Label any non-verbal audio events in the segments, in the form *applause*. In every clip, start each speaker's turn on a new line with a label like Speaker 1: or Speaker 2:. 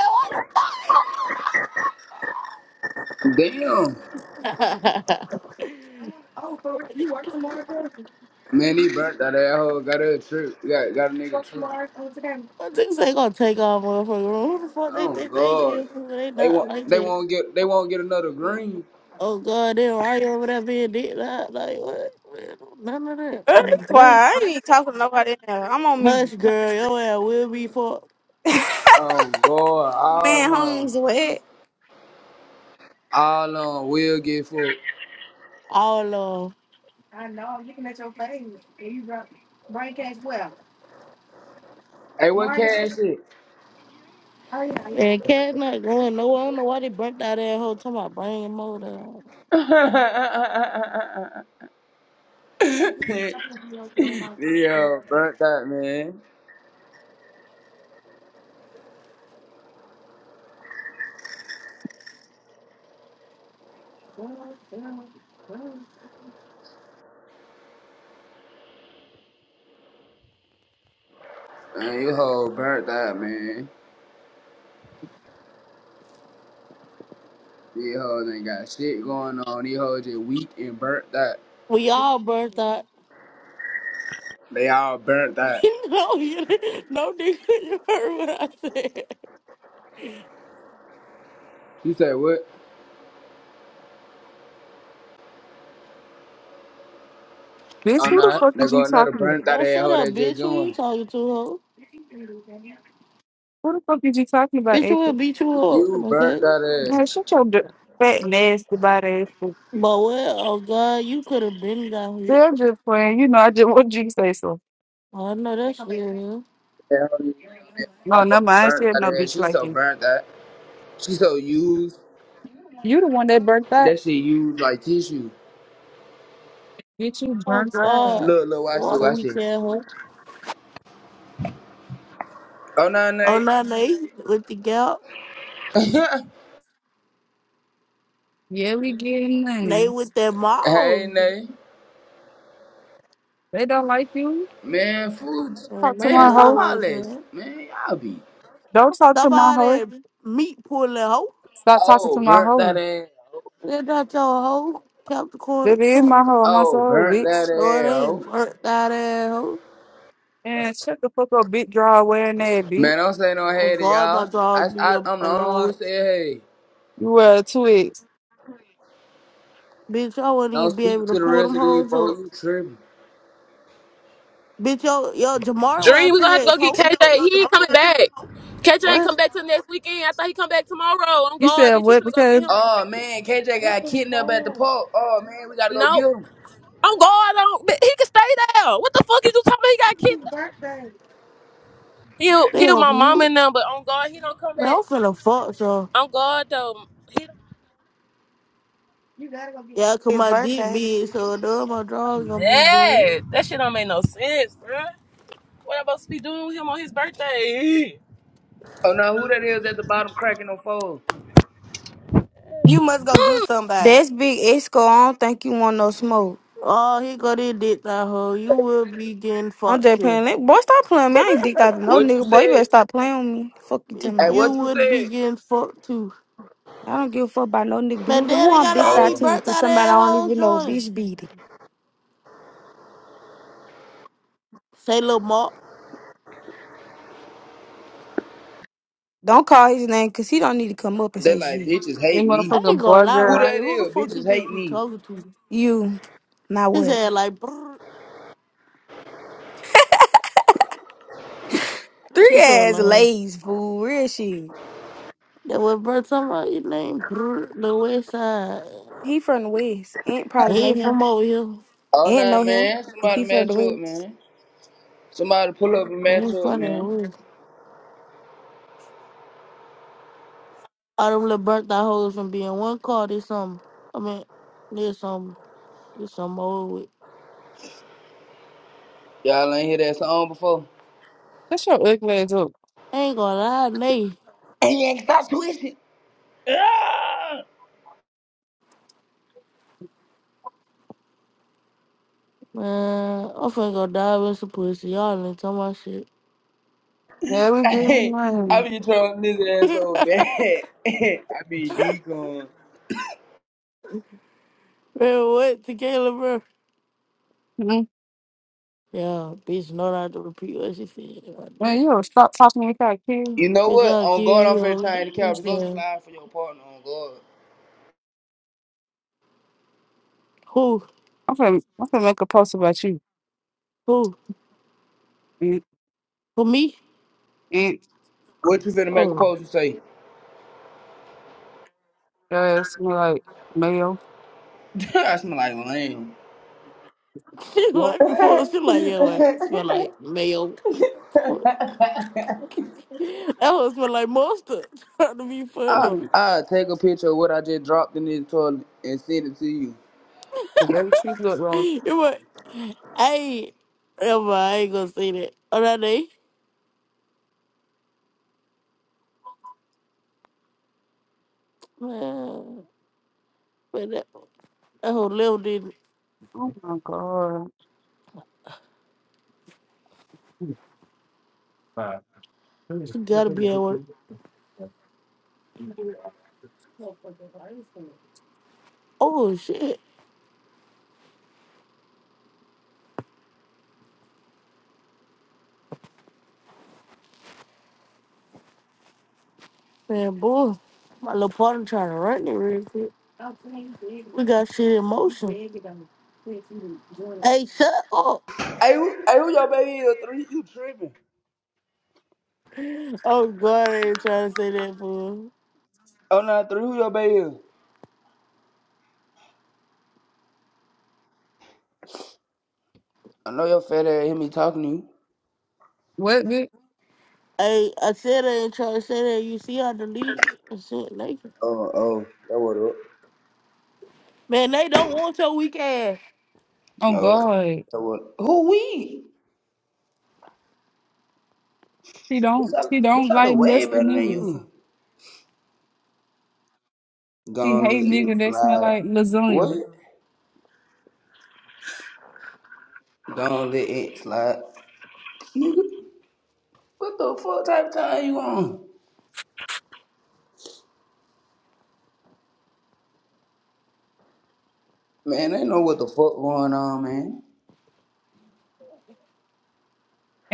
Speaker 1: *laughs*
Speaker 2: Damn.
Speaker 1: What
Speaker 2: Man, he burnt that asshole. got a trip. Got got a nigga trip.
Speaker 1: niggas ain't gonna take all motherfucking Who the fuck they
Speaker 2: Oh
Speaker 1: think they
Speaker 2: god.
Speaker 1: is? They
Speaker 2: They
Speaker 1: not
Speaker 2: won't
Speaker 1: like
Speaker 2: they
Speaker 1: that.
Speaker 2: won't get they won't get another green.
Speaker 1: Oh god, they right over there being dick not like what? Man, None of that. Oh,
Speaker 3: Why
Speaker 1: bless.
Speaker 3: I ain't talking to nobody now. I'm on mute.
Speaker 1: Hush, girl, your ass will be for
Speaker 2: Oh god.
Speaker 3: Man,
Speaker 2: All on.
Speaker 3: Holmes, what?
Speaker 2: All on will get full.
Speaker 1: all of.
Speaker 2: Hey what cash it?
Speaker 1: 'em. And cat not going nowhere. I don't know why they burnt that ass whole time. I bring him over. there.
Speaker 2: *laughs* yeah, burnt that man. Man, you hoe burnt that man. These hoes ain't got shit going on. These hoes just weak and burnt that.
Speaker 1: We all burnt out.
Speaker 2: They all burnt
Speaker 1: *laughs*
Speaker 2: that.
Speaker 1: no, you, didn't. no nigga, you heard what I said.
Speaker 2: You say what?
Speaker 4: Bitch,
Speaker 2: Oh
Speaker 4: who the
Speaker 2: no,
Speaker 4: fuck
Speaker 2: they
Speaker 4: is you
Speaker 2: got another
Speaker 4: talking about?
Speaker 2: burnt that
Speaker 1: Well, shut
Speaker 2: asshole
Speaker 1: up,
Speaker 2: that just
Speaker 1: bitch. Who
Speaker 2: joined.
Speaker 1: you talking to, hoe?
Speaker 4: Who the fuck is you talking about,
Speaker 1: Bitch, we'll
Speaker 4: April?
Speaker 1: beat you up.
Speaker 2: You
Speaker 1: Okay.
Speaker 2: burnt that ass.
Speaker 4: Now, shut your d- fat, nasty body, April.
Speaker 1: But what? Oh God, you could have been down here.
Speaker 4: They're just playing. You know, I just *laughs* want you to say so.
Speaker 1: Oh, I know that's real.
Speaker 2: That hoe that
Speaker 4: No,
Speaker 2: phone
Speaker 4: no, I ain't
Speaker 2: burnt
Speaker 4: said no
Speaker 2: that ass.
Speaker 4: bitch
Speaker 2: She
Speaker 4: like
Speaker 2: so
Speaker 4: you.
Speaker 2: burnt that. She so used.
Speaker 4: You the one that burnt that.
Speaker 2: That shit used like tissue.
Speaker 4: Bitch, you
Speaker 1: Oh
Speaker 4: burnt that.
Speaker 1: God,
Speaker 2: Look, look, watch it,
Speaker 1: what do
Speaker 2: watch
Speaker 1: we
Speaker 2: it.
Speaker 1: tell her?
Speaker 2: Oh, no,
Speaker 1: Oh
Speaker 2: Nate.
Speaker 1: no, they with the gal,
Speaker 2: *laughs*
Speaker 4: Yeah, we getting
Speaker 1: they
Speaker 4: money.
Speaker 1: with their
Speaker 2: hey,
Speaker 1: mouth.
Speaker 2: Nate.
Speaker 4: They don't like you.
Speaker 2: Man, food.
Speaker 4: Talk
Speaker 1: Man,
Speaker 4: to
Speaker 1: they
Speaker 2: Man,
Speaker 4: my
Speaker 2: stop
Speaker 4: hoe.
Speaker 1: love
Speaker 2: all
Speaker 1: us,
Speaker 2: this.
Speaker 1: man.
Speaker 2: Man, y'all be.
Speaker 4: Don't talk to my hoe.
Speaker 1: Somebody meat pulling hoe.
Speaker 4: Stop talking
Speaker 2: Oh,
Speaker 4: to my
Speaker 2: burnt that
Speaker 4: hoe.
Speaker 2: ass.
Speaker 1: They not your hoe. Capricorn,
Speaker 4: That is my
Speaker 1: Captain.
Speaker 4: hoe, my
Speaker 2: Oh,
Speaker 4: soul,
Speaker 2: burnt that
Speaker 4: bitch.
Speaker 1: No,
Speaker 2: ass.
Speaker 1: they ain't
Speaker 2: oh.
Speaker 1: burnt that ass hoe.
Speaker 4: And shut the fuck up, big draw wearing that, bitch.
Speaker 2: Man, don't say no
Speaker 1: Oh
Speaker 2: hey to
Speaker 1: God, my
Speaker 2: y'all. I,
Speaker 1: dogs be
Speaker 2: I,
Speaker 1: a,
Speaker 2: I'm
Speaker 1: a
Speaker 2: the only one
Speaker 1: large.
Speaker 2: who said hey.
Speaker 4: You wear a twig.
Speaker 1: Bitch, I wouldn't
Speaker 2: Don't
Speaker 1: even be
Speaker 2: speak
Speaker 1: able to
Speaker 2: to the
Speaker 1: pull them
Speaker 2: rest of these
Speaker 1: hoes up.
Speaker 2: folks. You tripping.
Speaker 1: Bitch, yo, yo, Jamar well
Speaker 5: Dream, we're
Speaker 1: two
Speaker 5: gonna have to
Speaker 1: eggs
Speaker 5: go get
Speaker 1: hoe.
Speaker 5: KJ. He ain't coming back. KJ ain't
Speaker 1: What?
Speaker 5: come back till next weekend. I thought he come back tomorrow. On
Speaker 4: You
Speaker 5: guard,
Speaker 4: said
Speaker 5: bitch. You
Speaker 4: what?
Speaker 5: finna go get
Speaker 4: Because.
Speaker 5: him from
Speaker 2: Oh
Speaker 5: Texas.
Speaker 2: man, KJ got kidnapped at the pole. Oh man, we gotta go
Speaker 5: No.
Speaker 2: get him.
Speaker 5: On guard, on but he can stay there. What the fuck is you talking about? He got kicked. He'll
Speaker 1: They
Speaker 5: he'll my
Speaker 1: on
Speaker 5: mama
Speaker 1: mute.
Speaker 5: and them, but on guard, he don't come
Speaker 1: Man,
Speaker 5: back.
Speaker 1: I'm finna fuck, so.
Speaker 5: On guard though. He
Speaker 1: Yeah, 'cause
Speaker 6: his
Speaker 1: my dick
Speaker 6: birthday.
Speaker 1: big, so none of my drawers
Speaker 5: I'm
Speaker 1: gonna be big.
Speaker 5: mad. That shit don't make no sense, bruh. What am I supposed to be doing with him on his birthday? *laughs*
Speaker 2: Oh no, who that is at the bottom cracking on foes?
Speaker 6: You must go do somebody.
Speaker 3: That's big Esco. I don't think you want no smoke.
Speaker 1: Oh, here go this dick, that
Speaker 2: You
Speaker 1: hoe. You
Speaker 2: say
Speaker 1: will
Speaker 2: what?
Speaker 1: be getting
Speaker 3: I'm
Speaker 1: fucked
Speaker 3: just
Speaker 1: too.
Speaker 3: playing. That. Boy, stop playing me. I ain't dicked out to no
Speaker 2: What you
Speaker 3: nigga. Boy, you better
Speaker 2: said?
Speaker 3: stop playing with me. Fuck you to
Speaker 1: Bitch,
Speaker 2: Hey,
Speaker 3: mine.
Speaker 1: you
Speaker 2: what you
Speaker 1: would be
Speaker 2: said?
Speaker 1: getting fucked too.
Speaker 3: I don't give a fuck about no nigga.
Speaker 1: Man,
Speaker 3: Who,
Speaker 1: damn,
Speaker 3: who
Speaker 1: they
Speaker 3: I'm
Speaker 1: got
Speaker 3: dicked
Speaker 1: all
Speaker 3: out
Speaker 1: these
Speaker 2: Oh,
Speaker 3: to?
Speaker 1: birth
Speaker 3: To
Speaker 1: out
Speaker 3: somebody I
Speaker 1: there
Speaker 3: don't
Speaker 1: hoes
Speaker 3: even know.
Speaker 1: joining.
Speaker 3: Bitch, beat it.
Speaker 1: Say, little Mark,
Speaker 3: Don't call his name because he don't need to come up and
Speaker 2: they
Speaker 3: say
Speaker 2: like
Speaker 3: shit.
Speaker 2: bitches
Speaker 4: You
Speaker 2: hate me.
Speaker 1: I ain't
Speaker 4: motherfucker
Speaker 1: gonna lie,
Speaker 2: Who
Speaker 4: burger.
Speaker 2: that
Speaker 1: Ryan. Who the
Speaker 2: is?
Speaker 1: fuck you
Speaker 2: Bitches hate
Speaker 1: think you
Speaker 2: me.
Speaker 1: talking to?
Speaker 3: You, not
Speaker 1: His
Speaker 3: what?
Speaker 1: head like, brrr.
Speaker 3: Three
Speaker 1: She so
Speaker 3: ass
Speaker 1: long.
Speaker 3: lays, fool. Real shit.
Speaker 1: That was birth talking about your name, brrr, the west side.
Speaker 3: He from the West. Ain't probably
Speaker 1: He
Speaker 3: know
Speaker 1: ain't
Speaker 3: him.
Speaker 1: from over here.
Speaker 2: Oh
Speaker 3: Ain't
Speaker 2: no,
Speaker 3: know him
Speaker 2: man,
Speaker 3: if
Speaker 2: somebody
Speaker 3: he from the
Speaker 2: match up,
Speaker 3: West.
Speaker 2: man. Somebody pull up and
Speaker 1: He
Speaker 2: match
Speaker 1: ain't
Speaker 2: up,
Speaker 1: from that
Speaker 2: man.
Speaker 1: way. All them little birthday hoes from being one car, there's some, I mean, there's some, there's some old with.
Speaker 2: Y'all ain't hear that song before.
Speaker 4: That's your ugly ass up.
Speaker 1: I ain't gonna lie, nay.
Speaker 2: And you ain't stop twisting. Ah!
Speaker 1: Man, I'm finna go dive in some pussy. Y'all ain't talking my shit.
Speaker 4: Yeah, we
Speaker 2: *laughs*
Speaker 4: be man.
Speaker 2: I be trying this ass
Speaker 1: *laughs*
Speaker 2: so bad. *laughs* I be decoing.
Speaker 1: man, what? Tequila, bro?
Speaker 4: mm
Speaker 1: Yeah, bitch, know not to repeat what she said. I
Speaker 4: Man,
Speaker 1: know.
Speaker 4: you don't stop talking like that kid.
Speaker 2: You know
Speaker 1: Bitch,
Speaker 2: what?
Speaker 1: I'll
Speaker 2: On
Speaker 1: kill
Speaker 2: God, I'm
Speaker 1: you,
Speaker 2: finna
Speaker 1: hoe.
Speaker 2: change the caption. Go
Speaker 1: Yeah.
Speaker 2: slide for your partner on God.
Speaker 1: Who?
Speaker 4: I'm finna, I'm finna make a post about you.
Speaker 1: Who?
Speaker 4: Eat,
Speaker 1: Who, me?
Speaker 4: eat,
Speaker 2: What you finna make a
Speaker 1: Oh.
Speaker 2: post and say?
Speaker 4: ass, smell like mayo.
Speaker 2: *laughs* I smell like lame.
Speaker 1: *laughs* She
Speaker 4: What?
Speaker 1: like before, she like, yeah, what? Smell like mayo. *laughs* that one smell like mustard. *laughs* Trying to be
Speaker 2: I
Speaker 1: funny.
Speaker 4: Oh,
Speaker 2: I take a picture of what I just dropped in this toilet and send it to you.
Speaker 4: if every tree look wrong.
Speaker 1: It was, hey, Emma, I ain't gonna say that. All right, eh? Man, man, that, that whole little didn't.
Speaker 4: Oh my god. Right.
Speaker 1: She gotta be at work. Oh, shit. Man, boy. My little partner trying to run it real quick. We got shit in motion. Hey, shut up.
Speaker 2: Hey, who, hey, who your baby is? Three, you tripping?
Speaker 1: Oh, God, I ain't trying to say that, boy.
Speaker 2: Oh no, three, who your baby is? I know your fat ass hear me talking to you.
Speaker 4: What, bitch?
Speaker 1: Hey, I said I ain't trying to say that. You see, I deleted it. I said, Nathan.
Speaker 2: Oh, oh, that what up?
Speaker 1: Man, they don't want your weak ass.
Speaker 4: Oh
Speaker 2: Oh,
Speaker 4: god.
Speaker 2: that what? Who we?
Speaker 4: She
Speaker 2: Bitch,
Speaker 4: don't,
Speaker 2: I,
Speaker 4: she
Speaker 2: bitch,
Speaker 4: don't
Speaker 2: I look
Speaker 4: like
Speaker 2: way
Speaker 4: musty
Speaker 2: better than
Speaker 4: niggas.
Speaker 2: you.
Speaker 4: She
Speaker 2: Don't
Speaker 4: hate
Speaker 2: let
Speaker 4: niggas
Speaker 2: it
Speaker 4: that smell
Speaker 2: slide.
Speaker 4: like lasagna.
Speaker 2: What? Don't let it slide. Nigga, What the fuck type of time you on? Man, they know what the fuck going on, man.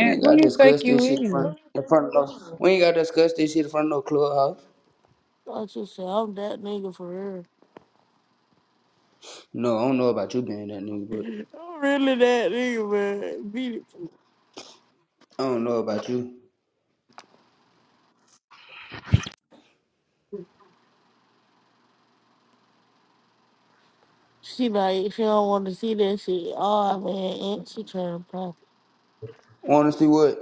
Speaker 2: We ain't
Speaker 4: who
Speaker 2: gotta
Speaker 4: you
Speaker 2: discuss
Speaker 4: think
Speaker 2: this shit in
Speaker 4: you
Speaker 2: front, in front of no. We ain't gotta discuss this shit in front of no clubhouse.
Speaker 1: I just said, I'm that nigga for real.
Speaker 2: No, I don't know about you being that nigga, but
Speaker 1: I'm really that nigga, man. Beautiful.
Speaker 2: I don't know about you.
Speaker 1: She like, she don't want to see that shit. Oh, man, and she trying to pop.
Speaker 2: Wanna see what?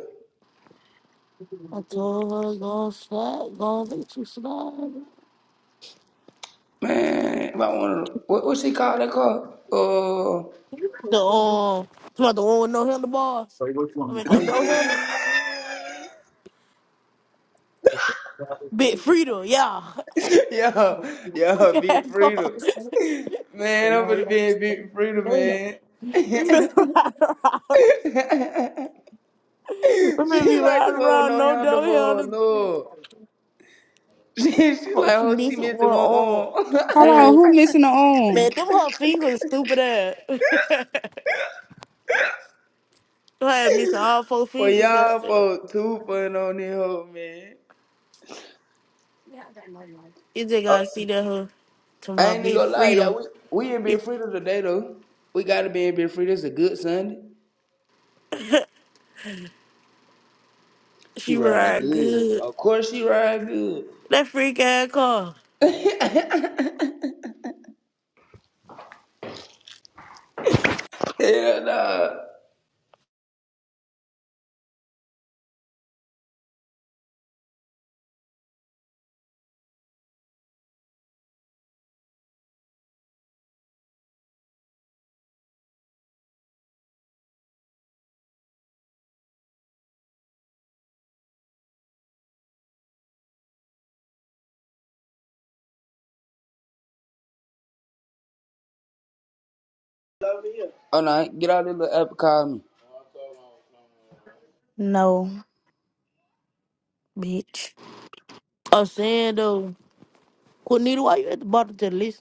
Speaker 1: I told her, go on slide, go on, let you slide.
Speaker 2: Man, if I wanna, what what she call that car? Oh,
Speaker 1: The, um, you want the one with no handlebars? I mean, no, no handlebars.
Speaker 4: is?
Speaker 1: Big Freedom, yeah. *laughs*
Speaker 2: uh, *laughs* yeah,
Speaker 4: Hold
Speaker 1: We
Speaker 2: yeah, beat
Speaker 1: can't go. *laughs*
Speaker 2: freedom. Man, I'm gonna be in beat freedom, man.
Speaker 1: We been riding around.
Speaker 2: *laughs* she like
Speaker 1: We been be
Speaker 2: the
Speaker 1: riding
Speaker 2: one with
Speaker 1: around,
Speaker 2: no
Speaker 1: no no
Speaker 2: handlebars,
Speaker 1: handlebars.
Speaker 2: no. *laughs* She's
Speaker 1: Oh,
Speaker 2: like,
Speaker 1: she
Speaker 2: oh, she
Speaker 1: needs one
Speaker 2: missing one
Speaker 1: on.
Speaker 2: arm.
Speaker 4: on, who
Speaker 1: Man,
Speaker 4: missing the arm?
Speaker 1: them her fingers stupid ass. *laughs* You had me to all four
Speaker 2: *laughs* well,
Speaker 1: fingers out
Speaker 2: y'all
Speaker 1: there.
Speaker 2: folks too fun on this hoe, man.
Speaker 1: You just
Speaker 2: Uh,
Speaker 1: gotta see that her to
Speaker 2: I
Speaker 1: my
Speaker 2: ain't even
Speaker 1: big
Speaker 2: gonna lie, y'all.
Speaker 1: freedom.
Speaker 2: We, we in
Speaker 1: It,
Speaker 2: Big Frida today, though. We gotta be in Big Frida. It's a good Sunday. She
Speaker 1: she
Speaker 2: ride
Speaker 1: ride
Speaker 2: good.
Speaker 1: good.
Speaker 2: Of course she ride good.
Speaker 1: That freak ass car.
Speaker 2: *laughs* Hell nah. Oh, no. Get out of the little app and call me.
Speaker 3: No. bitch.
Speaker 1: I'm saying though, Cornita, why you at the bottom of the list?